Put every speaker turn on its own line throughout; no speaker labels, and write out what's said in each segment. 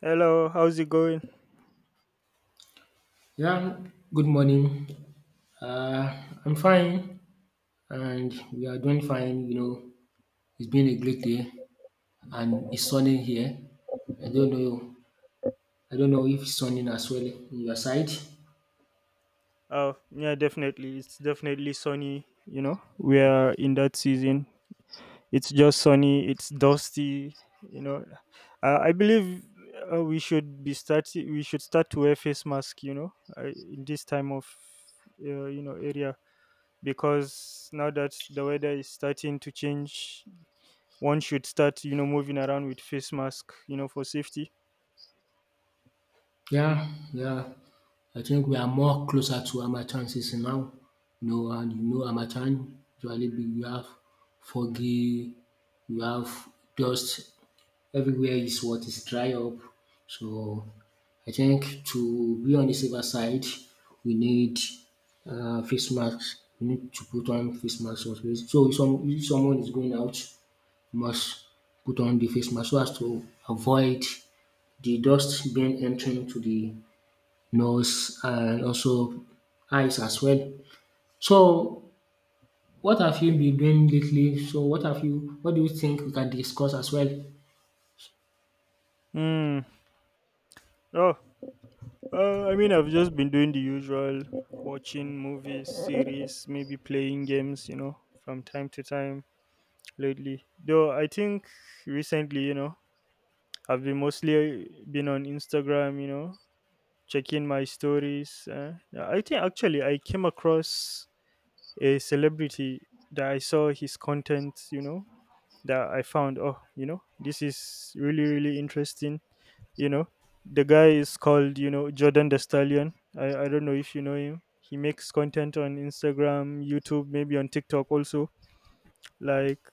Hello, how's it going?
Yeah, good morning. Uh, I'm fine, and we are doing fine. You know, it's been a great day, and it's sunny here. I don't know. I don't know if it's sunny as well in your side.
Oh, yeah, definitely. It's definitely sunny. You know, we are in that season. It's just sunny. It's dusty. You know, I believe we should be starting. We should start to wear face mask. You know, in this time of area because now that the weather is starting to change, one should start you know moving around with face mask. You know, for safety.
Yeah, yeah. I think we are more closer to Amachan season now. You know, and you know Amachan we have foggy, we have dust. Everywhere is what is dry up. So I think to be on the safer side, we need face masks. We need to put on face masks also. So if someone is going out, must put on the face mask so as to avoid the dust being entering to the nose and also eyes as well. So what have you been doing lately? So what do you think we can discuss as well?
Hmm. Oh, I mean, I've just been doing the usual, watching movies, series, maybe playing games, you know, from time to time lately. Though I think recently, you know, I've been mostly been on Instagram, you know, checking my stories. Yeah, I think actually I came across a celebrity that I saw his content, you know, that I found, oh, you know, this is really, really interesting. You know, the guy is called, you know, Jordan the Stallion. I don't know if you know him. He makes content on Instagram, YouTube, maybe on TikTok also. Like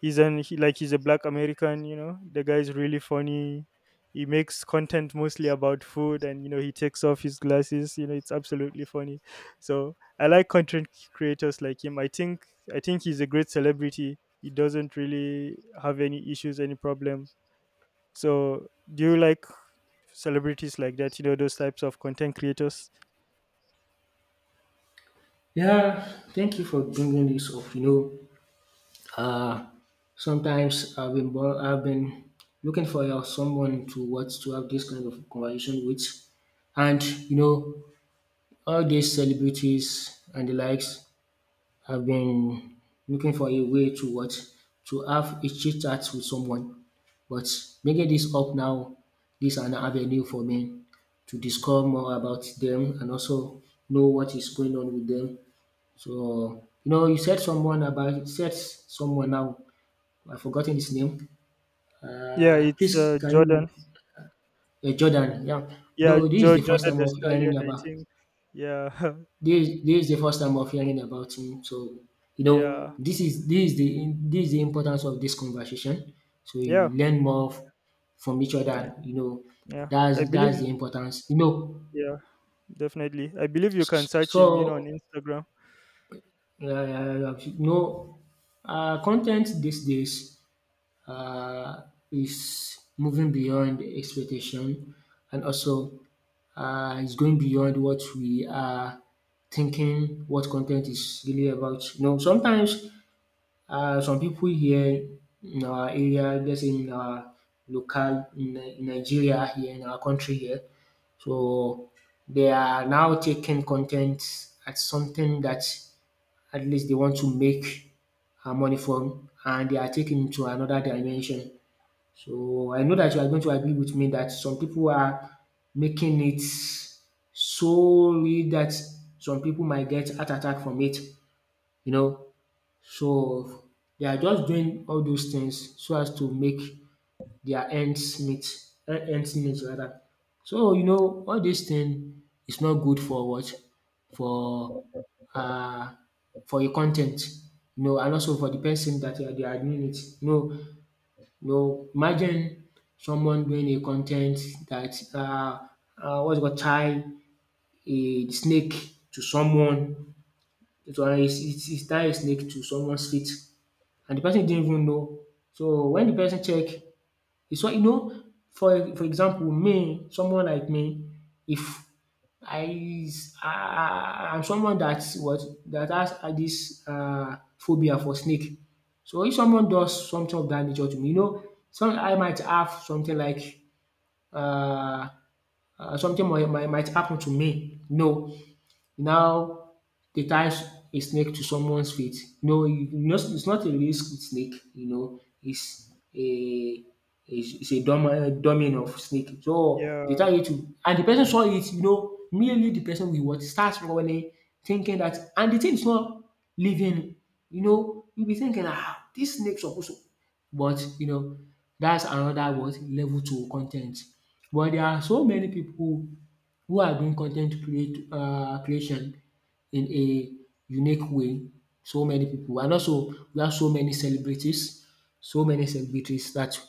he's a black American, you know. The guy's really funny. He makes content mostly about food, and you know he takes off his glasses. You know, it's absolutely funny. So I like content creators like him. I think he's a great celebrity. He doesn't really have any issues, any problem. So do you like celebrities like that, you know, those types of content creators?
Yeah, thank you for bringing this up. You know, uh, sometimes I've been looking for someone to what to have this kind of conversation with, and you know, all these celebrities and the likes have been looking for a way to what to have a chit chat with someone. But bringing this up now, this is an avenue for me to discover more about them and also know what is going on with them. So, you know, you said someone now. I've forgotten his name.
Yeah, it's
Please, can
Jordan.
you, Jordan? Yeah.
Yeah,
Though this is the first
Jordan
time
the
of hearing
Stallion, I
about
think. Yeah,
this. This is the first time of hearing about him. So, you
yeah,
know, this is the importance of this conversation. So you
yeah,
learn from each
yeah,
other. You know,
yeah. I
that's
believe.
that's the importance. You know,
Yeah, definitely. I believe you can search him, you know, on
so
Instagram.
you know, content these days uh, is moving beyond expectation, and also is going beyond what we are thinking what content is really about. You know, sometimes some people here in our area, let's say in our in Nigeria here in our country here. So they are now taking content as something that at least they want to make money from, and they are taking it to another dimension. So I know that you are going to agree with me that some people are making it solely that some people might get heart attack from it, you know. So they are just doing all those things so as to make their ends meet rather. So you know all this thing is not good for what for uh your content, you know, and also for the person that they are doing it. You know, no, imagine someone doing a content ten t that um, what's it called, tie a snake to someone. It he tie a snake to someone's feet, and the person didn't even know. So when the person check, it's what, you know, for example, me, someone like me, if I i I'm someone that what that has had this um, phobia for snake. So if someone does something of that nature to me, you know, some I might have something like um, something might happen to me. No, now they tie a snake to someone's feet. No, you know, it's not a real snake. You know, it's a dumb, dummy of snake. So they
Yeah.
tie it to, and the person saw it. You know, merely the person will what starts running, thinking that, and the thing is not living. You know, you be thinking, ah, this snake supposed to, but you know, that's another what level two content. But there are so many people who are doing content create creation in a unique way. So many people, and also we have so many celebrities that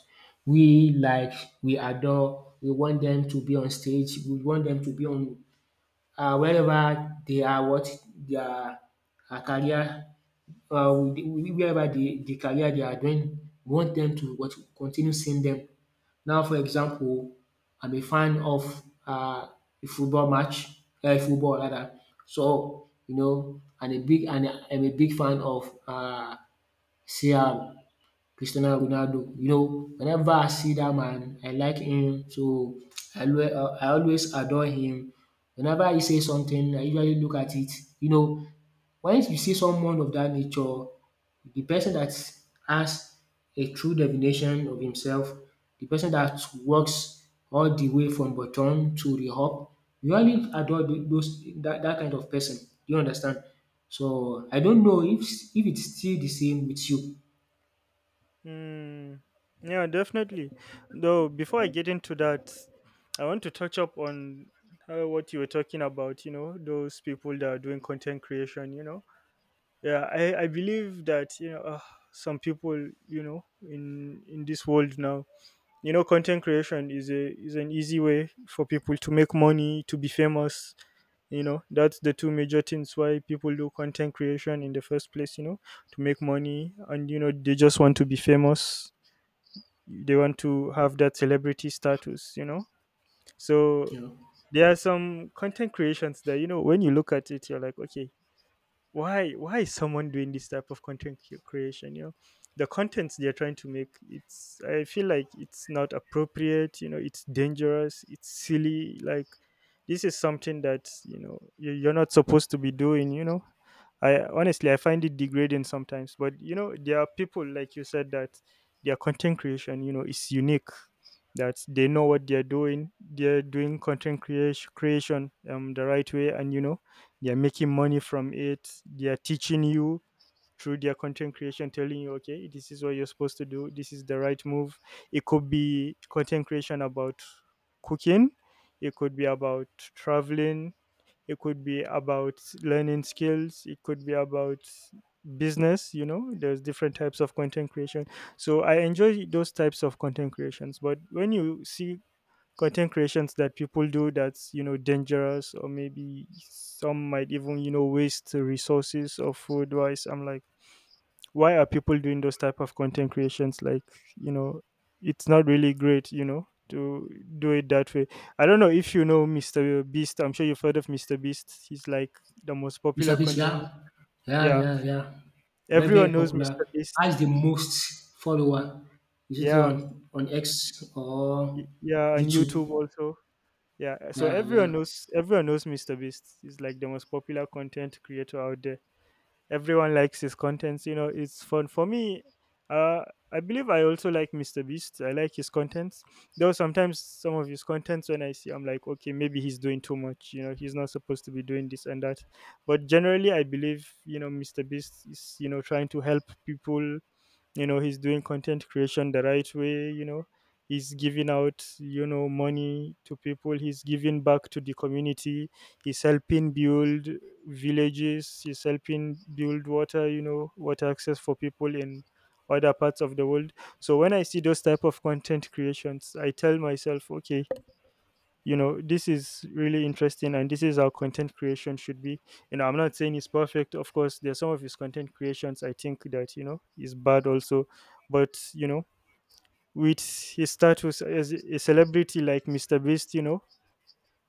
we like, we adore, we want them to be on stage, we want them to be on wherever they are what their um, career with wherever the career they are doing, we want them to what continue seeing them. Now, for example, I'm a fan of uh, a football match, football rather. So you know, and a big and I'm a big fan of CR, Cristiano Ronaldo. You know, whenever I see that man, I like him. So I always adore him. Whenever he says something, I usually look at it. You know, once you see someone of that nature, the person that has a true definition of himself, the person that works all the way from bottom to the up, we only adore those, that that kind of person. Do you understand? So I don't know if it's still the same with you.
Mm, yeah, definitely. Though before I get into that, I want to touch up on what you were talking about. You know, those people that are doing content creation. You know, yeah, I believe that you know some people, you know, in this world now, you know, content creation is a is an easy way for people to make money, to be famous. You know, that's the two major things why people do content creation in the first place, you know, to make money, and you know they just want to be famous. They want to have that celebrity status, you know, so
You know,
there are some content creations that you know when you look at it, you're like, okay, why is someone doing this type of creation? You know, the contents they're trying to make, it's, I feel like it's not appropriate. You know, it's dangerous, it's silly. Like, this is something that you know you're not supposed to be doing, you know. I honestly, I find it degrading sometimes. But you know, there are people, like you said, that their content creation you know is unique, that they know what they're doing. They're doing content creation the right way, and you know they're making money from it. They're teaching you through their content creation, telling you okay, this is what you're supposed to do. This is the right move. It could be content creation about cooking, it could be about traveling, it could be about learning skills, it could be about business. You know, there's different types of content creation. So I enjoy those types of content creations, but when you see content creations that people do that's you know dangerous, or maybe some might even you know waste resources or food wise, I'm like, why are people doing those type of content creations? Like, you know, it's not really great, you know, to do it that way. I don't know if you know Mr. Beast. I'm sure you've heard of Mr. Beast. He's like the most
Mr.
popular
Beast,
content.
yeah, yeah,
Yeah,
yeah, yeah, very very
everyone knows
popular.
Mr.
Has
Beast.
the most follower. Is it
Yeah,
on X or
yeah, and
YouTube?
YouTube also. Yeah, so
Yeah, yeah.
everyone knows Mr. Beast. He's like the most popular content creator out there. Everyone likes his contents. You know, it's fun for me. Uh, I believe I also like Mr. Beast. I like his contents, though sometimes some of his contents when I see, I'm like, okay, maybe he's doing too much. You know, he's not supposed to be doing this and that. But generally, I believe you know Mr. Beast is you know trying to help people. You know, he's doing content creation the right way. You know, he's giving out you know money to people. He's giving back to the community. He's helping build villages. He's helping build water, you know, water access for people in other parts of the world. So when I see those type of content creations, I tell myself, okay, you know, this is really interesting, and this is how content creation should be. You know, I'm not saying it's perfect. Of course, there's some of his content creations I think that you know is bad also. But you know, with his status as a celebrity like Mr. Beast, you know,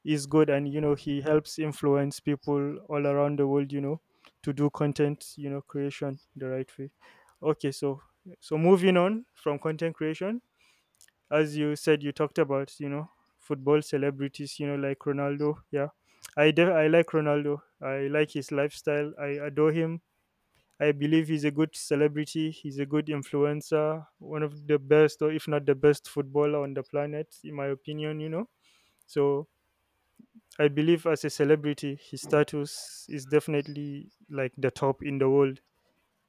is good, and you know he helps influence people all around the world, you know, to do content, you know, creation the right way. Okay, so so moving on from content creation, as you said, you talked about, you know, football celebrities, you know, like Ronaldo. Yeah, I like Ronaldo. I like his lifestyle, I adore him. I believe he's a good celebrity, he's a good influencer, one of the best, or if not the best footballer on the planet in my opinion, you know. So I believe as a celebrity his status is definitely like the top in the world.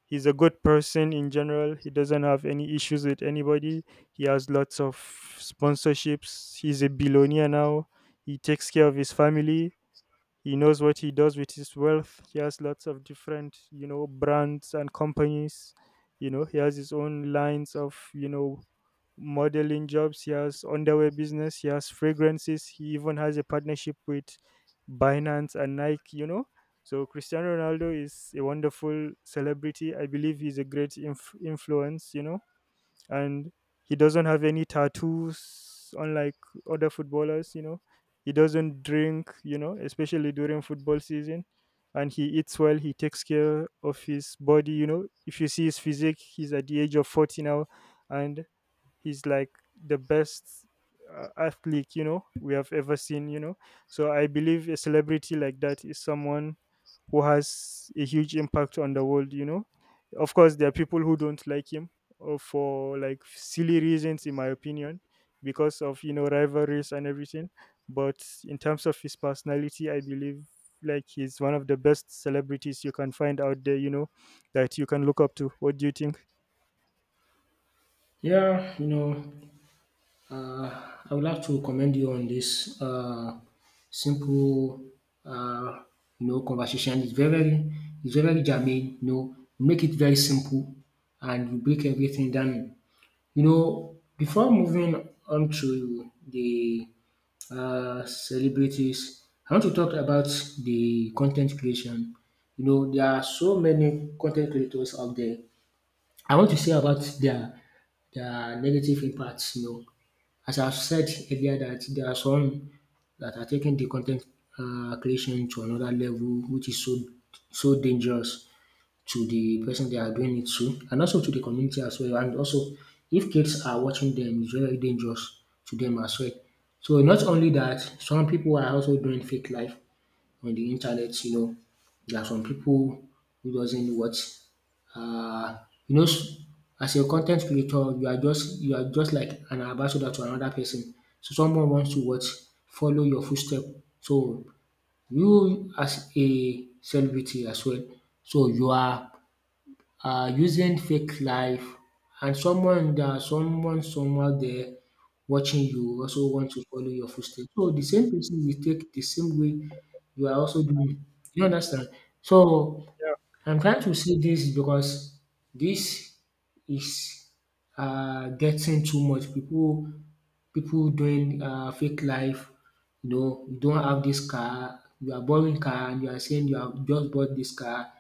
He's a good person in general. He doesn't have any issues with anybody. He has lots of sponsorships. He's a billionaire now. He takes care of his family. He knows what he does with his wealth. He has lots of different you know brands and companies. You know, he has his own lines of, you know, modeling jobs. He has underwear business, he has fragrances. He even has a partnership with Binance and Nike, you know. So Cristiano Ronaldo is a wonderful celebrity. I believe he's a great influence, you know. And he doesn't have any tattoos, unlike other footballers, you know. He doesn't drink, you know, especially during football season. And he eats well, he takes care of his body. You know, if you see his physique, he's at the age of 40 now, and he's like the best athlete you know we have ever seen, you know. So I believe a celebrity like that is someone who has a huge impact on the world, you know. Of course there are people who don't like him, for like silly reasons in my opinion, because of you know rivalries and everything. But in terms of his personality, I believe like he's one of the best celebrities you can find out there, you know, that you can look up to. What do you think?
Yeah, you know, uh, I would like to commend you on this simple, uh, you know, conversation. It's it's very germane. You know, you make it very simple, and you break everything down. You know, before moving on to the celebrities, I want to talk about the content creation. You know, there are so many content creators out there. I want to say about their negative impacts, you know. As I've said earlier that there are some that are taking the content um, creation to another level which is so so dangerous to the person they are doing it to, and also to the community as well, and also if kids are watching them it's very dangerous to them as well. So not only that, some people are also doing fake life on the internet, you know, there are some people who doesn't know what um, you know, as a content creator you are just, you are just like an ambassador to another person. So someone wants to what follow your footstep. So you as a celebrity as well, so you are using fake life, and someone somewhere there watching you also want to follow your footsteps. So the same person will take the same way you are also doing. You understand? So I'm trying to say this because this is getting too much. People doing fake life. You know, you don't have this car, you are borrowing car and you are saying you have just bought this car,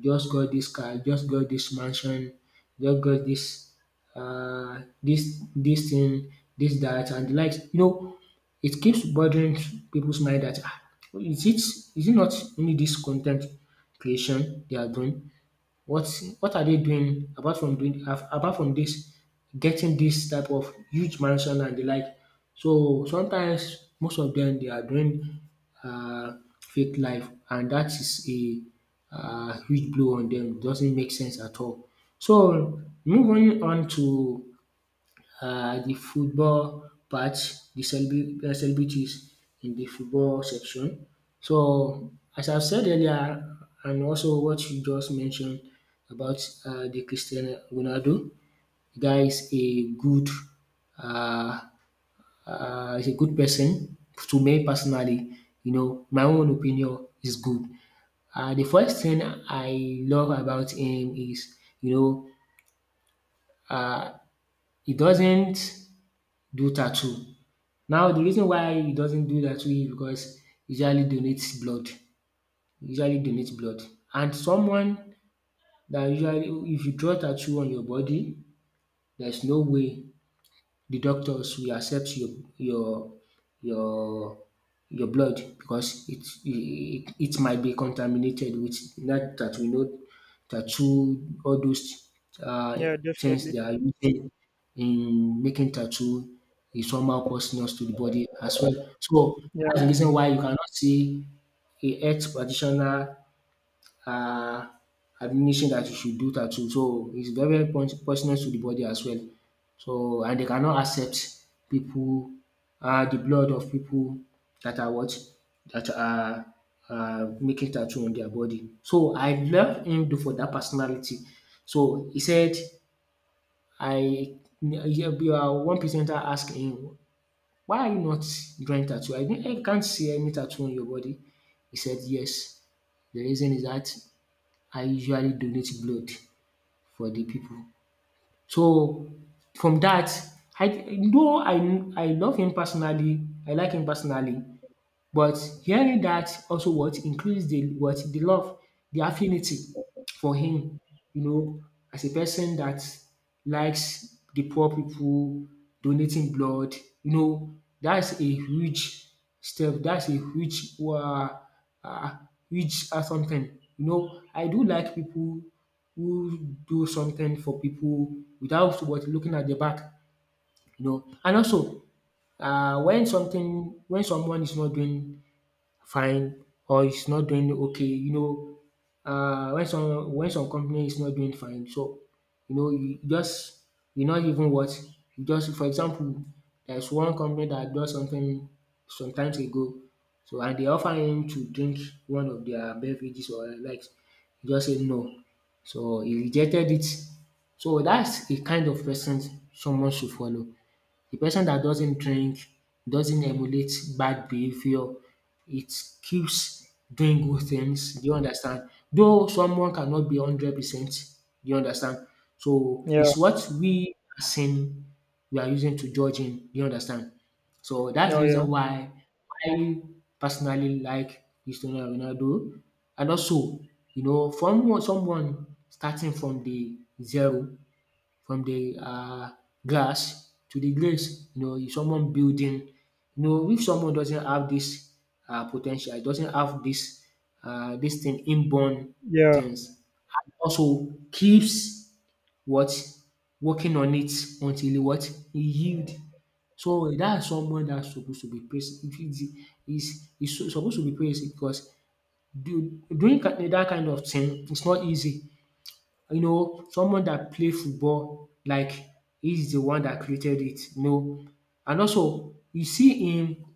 just got this car, just got this mansion, just got this, this thing, this that and the likes. You know, it keeps bothering people's mind dat um, is it not only this content creation they are doing, what what are they doing apart from apart from this getting this type of huge mansion and the like? So sometimes most of them they are doing fake life, and that is a um, huge blow on them. It doesn't make sense at all. So moving on to the football part, the celebrities in the football section. So, as I've said earlier, and also what you just mentioned about the Cristiano Ronaldo, the guy uh, is a good person to me personally. You know, my own opinion is good. The first thing I love about him is, you know, he doesn't do tattoo. Now the reason why he doesn't do that too is because he usually donates blood, he usually donates blood, and someone that usually, if you draw tattoo on your body there's no way the doctors will accept your your your blood because it might be contaminated with that we know tattoo. All those uh,
Yeah,
things
definitely.
they are using in making tattoo is somehow poisonous to the body as well. So
Yeah.
that's the reason why you cannot see a health practitioner um, administration that you should do tattoo. So it's very very poisonous to the body as well. So and they cannot accept people, um, the blood of people that are what that are um, making tattoo on their body. So I love him do for that personality. So he said, I, one presenter asked him, “Why are you not drawing tattoo? I can't see any tattoo on your body.” He said, “Yes, the reason is that I usually donate blood for the people. So from that, I, though I love him personally, I like him personally, but hearing that also what increase the what the love, the affinity for him, you know, as a person that likes the poor people, donating blood, you know, that's a huge step. That's a huge uh, huge something. You know, I do like people who do something for people without what looking at the back, you know. And also, when something when someone is not doing fine or it's not doing okay. You know, when some company is not doing fine, so you know you just you not even what you just for example, there's one company that does something some times ago, so and they offer him to drink one of their beverages or likes, he just say no, so he rejected it. So that's the kind of person someone should follow. The person that doesn't drink doesn't emulate bad behavior. It keeps doing good things. Do you understand? Though someone cannot be 100%. Do you understand? So
Yeah.
it's what we are saying we are using to judge him. Do you understand? So that's
No.
the
Yeah.
reason why I personally like Cristiano Ronaldo. And also, you know, from someone starting from the zero from the glass to the grace. You know, if someone building, you know, if someone doesn't have this potential, doesn't have this thing inborn
Yeah.
things and also keeps what working on it until what he yield. So that's someone that's supposed to be praised. If it is supposed to be praised because that kind of thing is not easy, you know, someone that play football like he's the one that created it, you know. And also you see him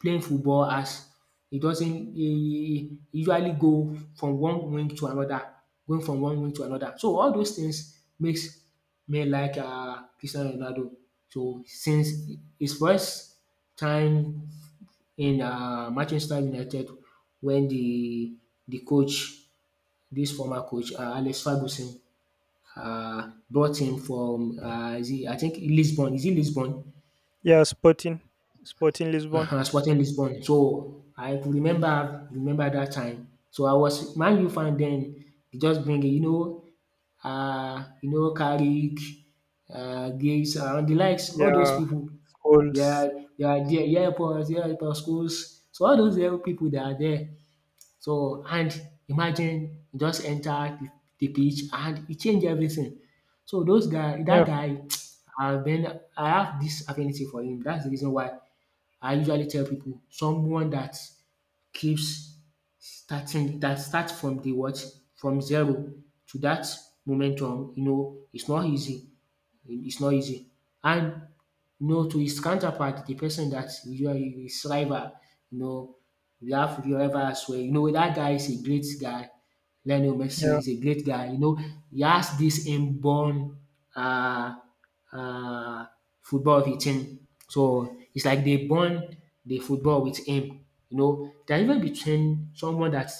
playing football as he doesn't he usually go from one wing to another, going from one wing to another. So all those things makes me like Cristiano Ronaldo. So since his first time in Manchester United when the coach, this former coach Alex Ferguson brought him from is it I think Lisbon. Is it Lisbon?
Yeah. Sporting Lisbon.
Uh-huh, Sporting Lisbon. So I could remember that time. So I was Man U fan then. He just bring it, you know, Carrick, Gates, and the likes, all those
Yeah,
people. They
schools.
are, they are there, yeah, airports, yeah, airport schools. So all those little people that are there, so and imagine you just enter the pitch and e change everything. So those guy
Yeah.
that guy I have this affinity for him. That's the reason why I usually tell people someone that keeps starting that starts from the what? From zero to that momentum, you know, it's not easy. It's not easy. And you know, to his counterpart, the person that you are his rival, you know, we have the rival as well. You know, that guy is a great guy. Lionel Messi
Yeah.
is a great guy. You know, he has this inborn uh uh, football with him. So it's like they bond the football with him. You know, there are even between someone that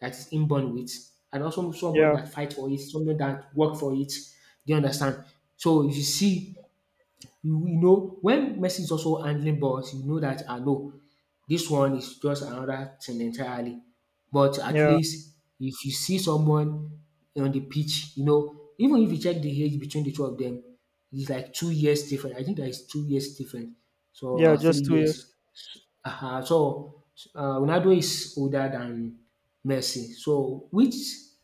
that is inborn with and also someone
Yeah.
that fight for it, someone that work for it. Do you understand? So if you see you know when Messi is also handling balls, you know that I know this one is just another thing entirely. But at
Yeah.
least if you see someone on the pitch, you know, even if you check the age between the two of them, it's like 2 years different. I think there is 2 years different so
Yeah,
or three
just 2 years.
years. Uh-huh. So Ronaldo is older than Messi. So which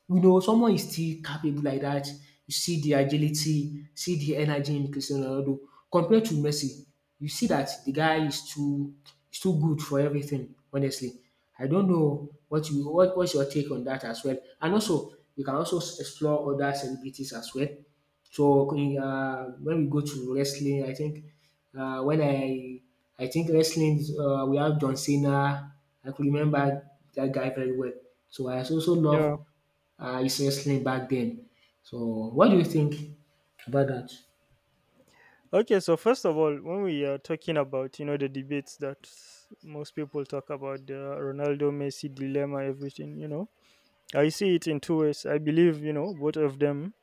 you know someone is still capable like that. You see the agility, see the energy in Cristiano Ronaldo compared to Messi. You see that the guy is too good for everything. Honestly, I don't know what's your take on that as well. And also you can also explore other celebrities as well. So when we go to wrestling, I think when I think wrestling, we have John Cena. I could remember that guy very well. So I also
Yeah.
love his wrestling back then. So what do you think about that?
Okay, so first of all, when we are talking about you know the debates that most people talk about, the Ronaldo Messi dilemma, everything, you know, I see it in two ways. I believe you know both of them.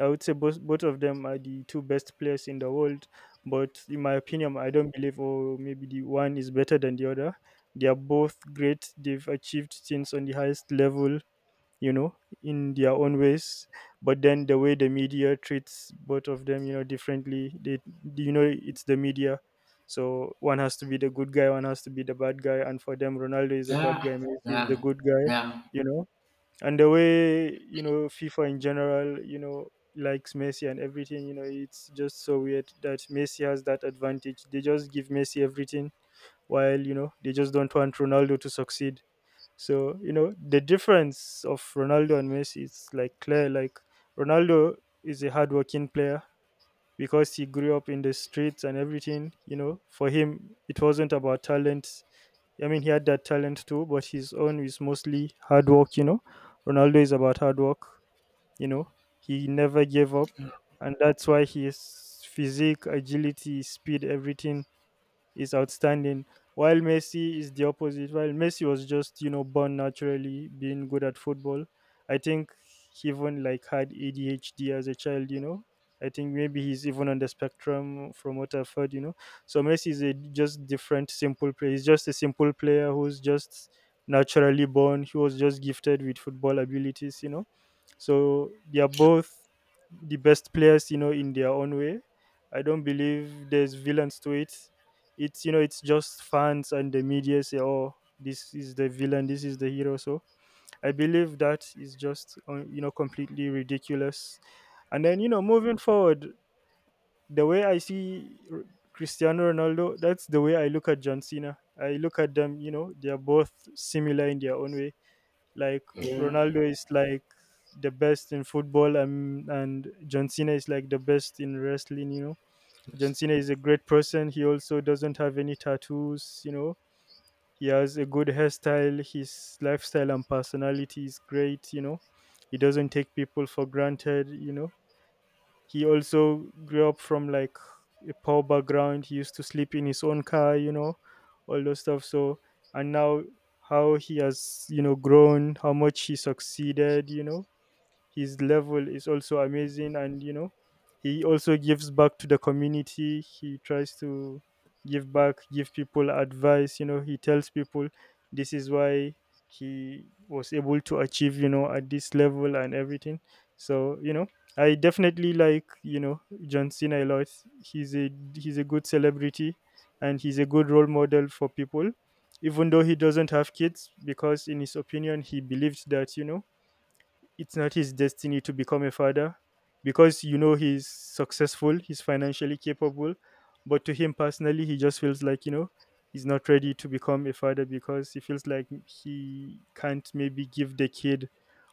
I would say both of them are the two best players in the world, but in my opinion, I don't believe oh maybe the one is better than the other. They are both great. They've achieved things on the highest level, you know, in their own ways. But then the way the media treats both of them, you know, differently, they, you know, it's the media, so one has to be the good guy, one has to be the bad guy, and for them Ronaldo is the bad
Yeah,
guy, Messi is the
yeah,
good guy.
yeah,
You know, and the way you know FIFA in general, you know, likes Messi and everything, you know, it's just so weird that Messi has that advantage. They just give Messi everything, while you know they just don't want Ronaldo to succeed. So, you know, the difference of Ronaldo and Messi is like clear. Like, Ronaldo is a hardworking player because he grew up in the streets and everything. You know, for him, it wasn't about talent. I mean, he had that talent too, but his own is mostly hard work, you know. Ronaldo is about hard work, you know. He never gave up. And that's why his physique, agility, speed, everything is outstanding. While Messi is the opposite, while Messi was just, you know, born naturally being good at football, I think he even like had ADHD as a child, you know. I think maybe he's even on the spectrum from what I've heard, you know. So Messi is a just different simple player. He's just a simple player who's just naturally born. He was just gifted with football abilities, you know. So they are both the best players, you know, in their own way. I don't believe there's villains to it. It's, you know, it's just fans and the media say, "Oh, this is the villain, this is the hero." So I believe that is just you know, completely ridiculous. And then, you know, moving forward, the way I see Cristiano Ronaldo, that's the way I look at John Cena. I look at them, you know, they are both similar in their own way. Like,
yeah.
Ronaldo is like the best in football, and John Cena is like the best in wrestling, you know. John
Yes.
Cena is a great person. He also doesn't have any tattoos, you know. He has a good hairstyle. His lifestyle and personality is great, you know. He doesn't take people for granted, you know. He also grew up from like a poor background. He used to sleep in his own car, you know, all those stuff. So, and now how he has, you know, grown, how much he succeeded, you know, his level is also amazing. And you know, he also gives back to the community. He tries to give back, give people advice, you know, he tells people this is why he was able to achieve, you know, at this level and everything. So, you know, I definitely like, you know, John Cena a lot. He's a he's a good celebrity, and he's a good role model for people, even though he doesn't have kids, because in his opinion, he believes that, you know, it's not his destiny to become a father. Because, you know, he's successful, he's financially capable, but to him personally, he just feels like, you know, he's not ready to become a father, because he feels like he can't maybe give the kid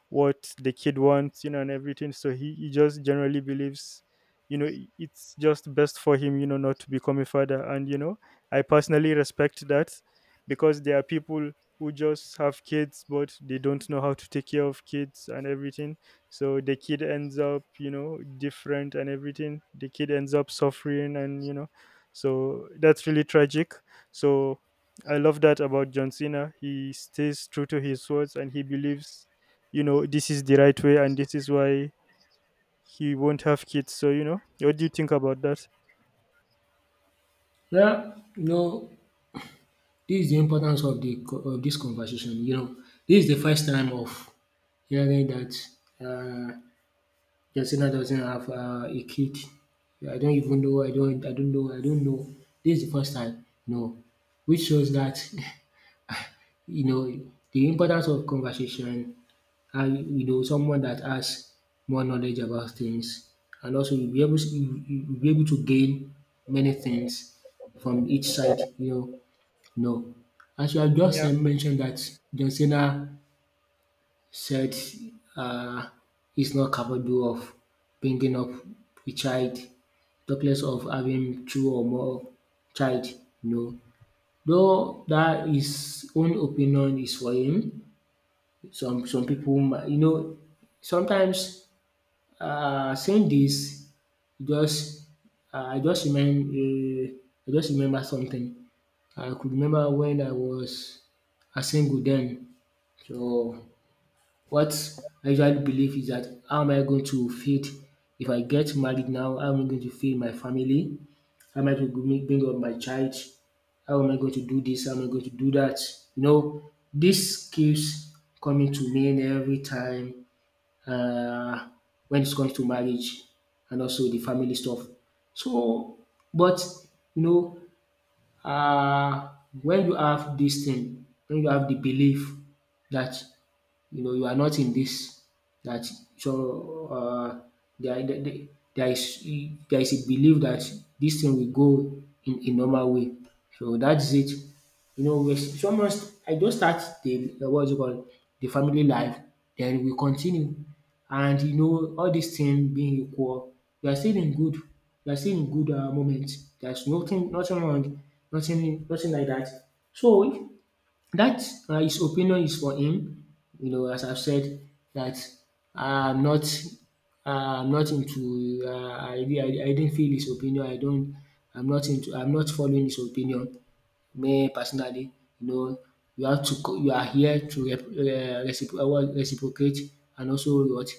what the kid wants, you know, and everything. So he just generally believes, you know, it's just best for him, you know, not to become a father. And, you know, I personally respect that, because there are people who just have kids, but they don't know how to take care of kids and everything. So the kid ends up, you know, different and everything. The kid ends up suffering, and, you know, so that's really tragic. So I love that about John Cena. He stays true to his words, and he believes, you know, this is the right way, and this is why he won't have kids. So, you know, what do you think about that?
Yeah, you know, this is the importance of the of this conversation. You know, this is the first time of hearing that uh, Justina doesn't have a kid. Yeah, I don't even know. I don't. I don't know. I don't know. This is the first time. No, which shows that you know the importance of conversation. And you know someone that has more knowledge about things, and also you'll be able to, you'll be able to gain many things from each side. You know, no. As you have just
Yeah,
mentioned that John Cena said uh, he's not capable of bringing up a child, talkless of having two or more child. No, though that his own opinion is for him. Some people, you know, sometimes saying this just uh, I just remember uh, I just remember something. I could remember when I was a single then. So what I usually believe is that how am I going to feed if I get married now, how am I going to feed my family? How am I going to bring up my child? How am I going to do this? How am I going to do that? You know, this keeps coming to me every time uh, when it comes to marriage and also the family stuff. So, but you know, uh, when you have this thing, when you have the belief that you know you are not in this that so there, there, there is there is a belief that this thing will go in a normal way. So that's it. You know, we someone I just start the what's it called the family life, then we continue. And you know, all these things being equal, we are still in good, we are still in good moment. There's nothing wrong, nothing like that. So that na his opinion is for him. You know, as I've said that I'm not I'm not into I didn't feel his opinion. I don't I'm not into I'm not following his opinion. Me personally, you know, you have to you are here to rep, recipro what reciprocate and also what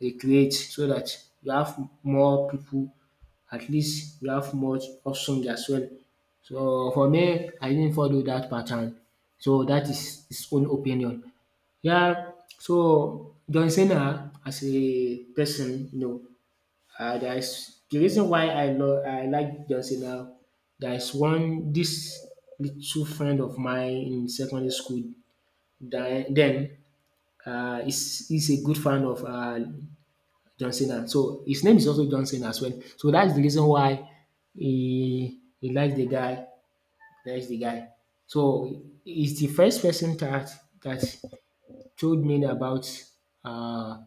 recreate so that you have more people. At least you have more options as well. So for me I didn't follow that pattern, so that is his own opinion. Yeah, so John Cena as a person, you know, there is the reason why I like John Cena. There is one this little friend of mine in secondary school den den is he's a good fan of John Cena, so his name is also John Cena as well, so that's the reason why he likes the guy, that's the guy. So he's the first person that that told me about uh,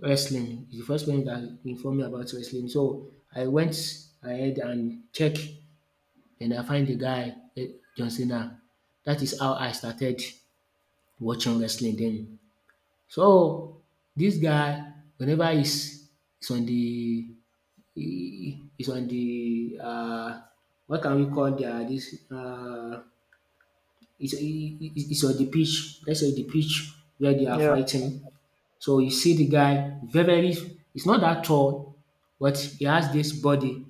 wrestling. He's the first person that informed me about wrestling. So I went ahead and checked, and I find the guy, eh, John Cena. That is how I started watching wrestling then. So this guy, whenever he's on the he's on the what can we call their this it's on the pitch. Let's say the pitch where they are
yeah,
fighting. So you see the guy very, very, it's not that tall, but he has this body.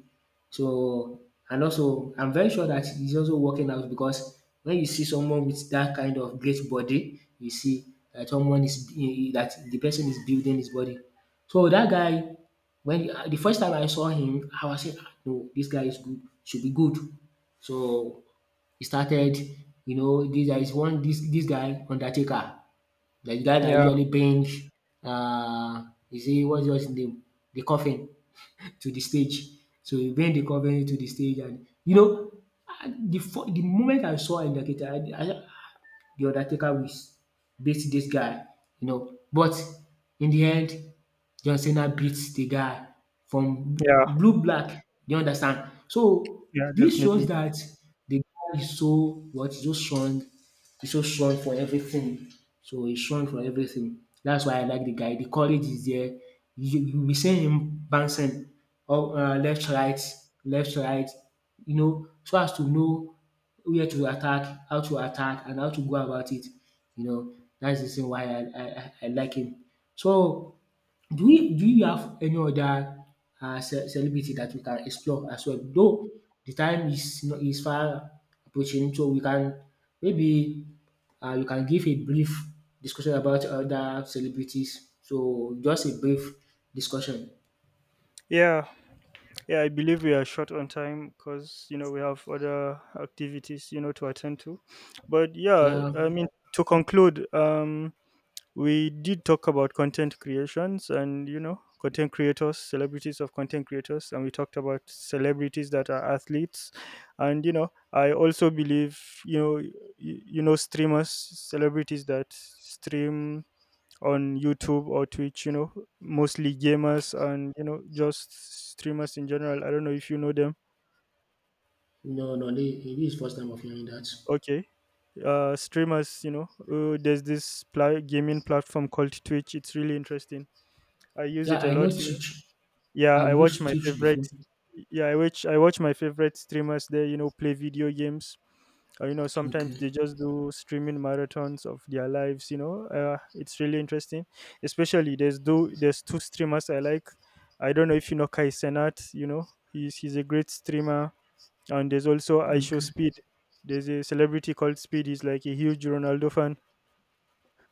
So, and also, I'm very sure that he's also working out because when you see someone with that kind of great body, you see that someone is, that the person is building his body. So that guy, when the first time I saw him, I was saying, "Ah, no, this guy is good, should be good." So he started, you know, this there is one this guy Undertaker. Like, the guy that
yeah,
usually brings uh is he what's his name? The coffin to the stage. So he bring the coffin to the stage, and you know, ah, the moment I saw Undertaker, I the Undertaker will beat this guy, you know. But in the end, John Cena beats the guy from
yeah,
blue black. You understand? So
yeah,
this shows
definitely.
that the guy is so what is so strong, he's so strong for everything. So he's strong for everything. That's why I like the guy. The courage is there. You be seeing him bouncing up left right, you know, so as to know where to attack, how to attack and how to go about it. You know, that's the reason why I like him. So do you have any other celebrity that we can explore as well? Though the time is not is far approaching, so we can maybe you can give a brief discussion about other celebrities. So just a brief discussion.
Yeah, yeah, I believe we are short on time, because you know, we have other activities, you know, to attend to. But yeah,
Yeah.
I mean, to conclude, um, we did talk about content creations, and you know, content creators, celebrities of content creators, and we talked about celebrities that are athletes. And you know, I also believe, you know, you know, streamers, celebrities that stream on YouTube or Twitch, you know, mostly gamers, and you know, just streamers in general. I don't know if you know them.
No, no, this is first time of hearing that.
Okay. Streamers, you know, there's this gaming platform called Twitch. It's really interesting. I use
Yeah,
it a
I know
lot.
Teach.
yeah i
I've
watch
used
my
Teach
favorite
before.
Yeah, I watch my favorite streamers there, you know, play video games, or you know, sometimes
Okay,
they just do streaming marathons of their lives, you know, it's really interesting. Especially, there's do there's two streamers I like. I don't know if you know Kai Senat, you know, he's a great streamer. And there's also Aisho
okay,
Speed. There's a celebrity called Speed. He's like a huge Ronaldo fan,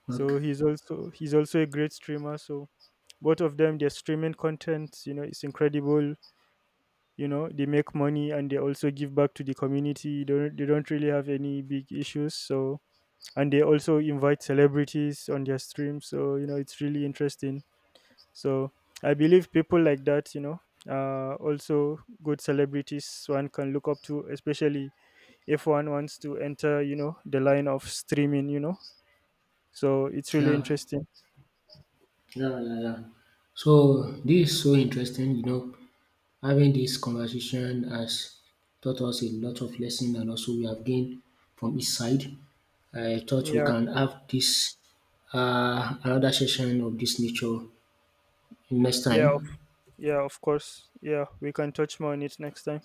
okay.
so he's also a great streamer. So both of them, they're streaming content, you know, it's incredible. You know, they make money, and they also give back to the community. They don't really have any big issues. So, and they also invite celebrities on their stream, so you know, it's really interesting. So I believe people like that, you know, also good celebrities one can look up to, especially if one wants to enter, you know, the line of streaming, you know. So it's really
Yeah,
interesting.
yeah, yeah, yeah. So this is so interesting, you know, having this conversation has taught us a lot of lesson and also we have gained from each side. I thought we
Yeah.
can have this another session of this nature next
yeah of,
time.
yeah, of course. Yeah, we can touch more on it next time.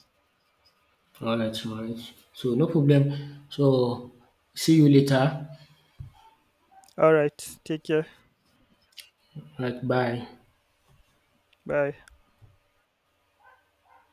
All right, all right. So no problem. So see you later.
All right, take care.
All right, bye.
Bye.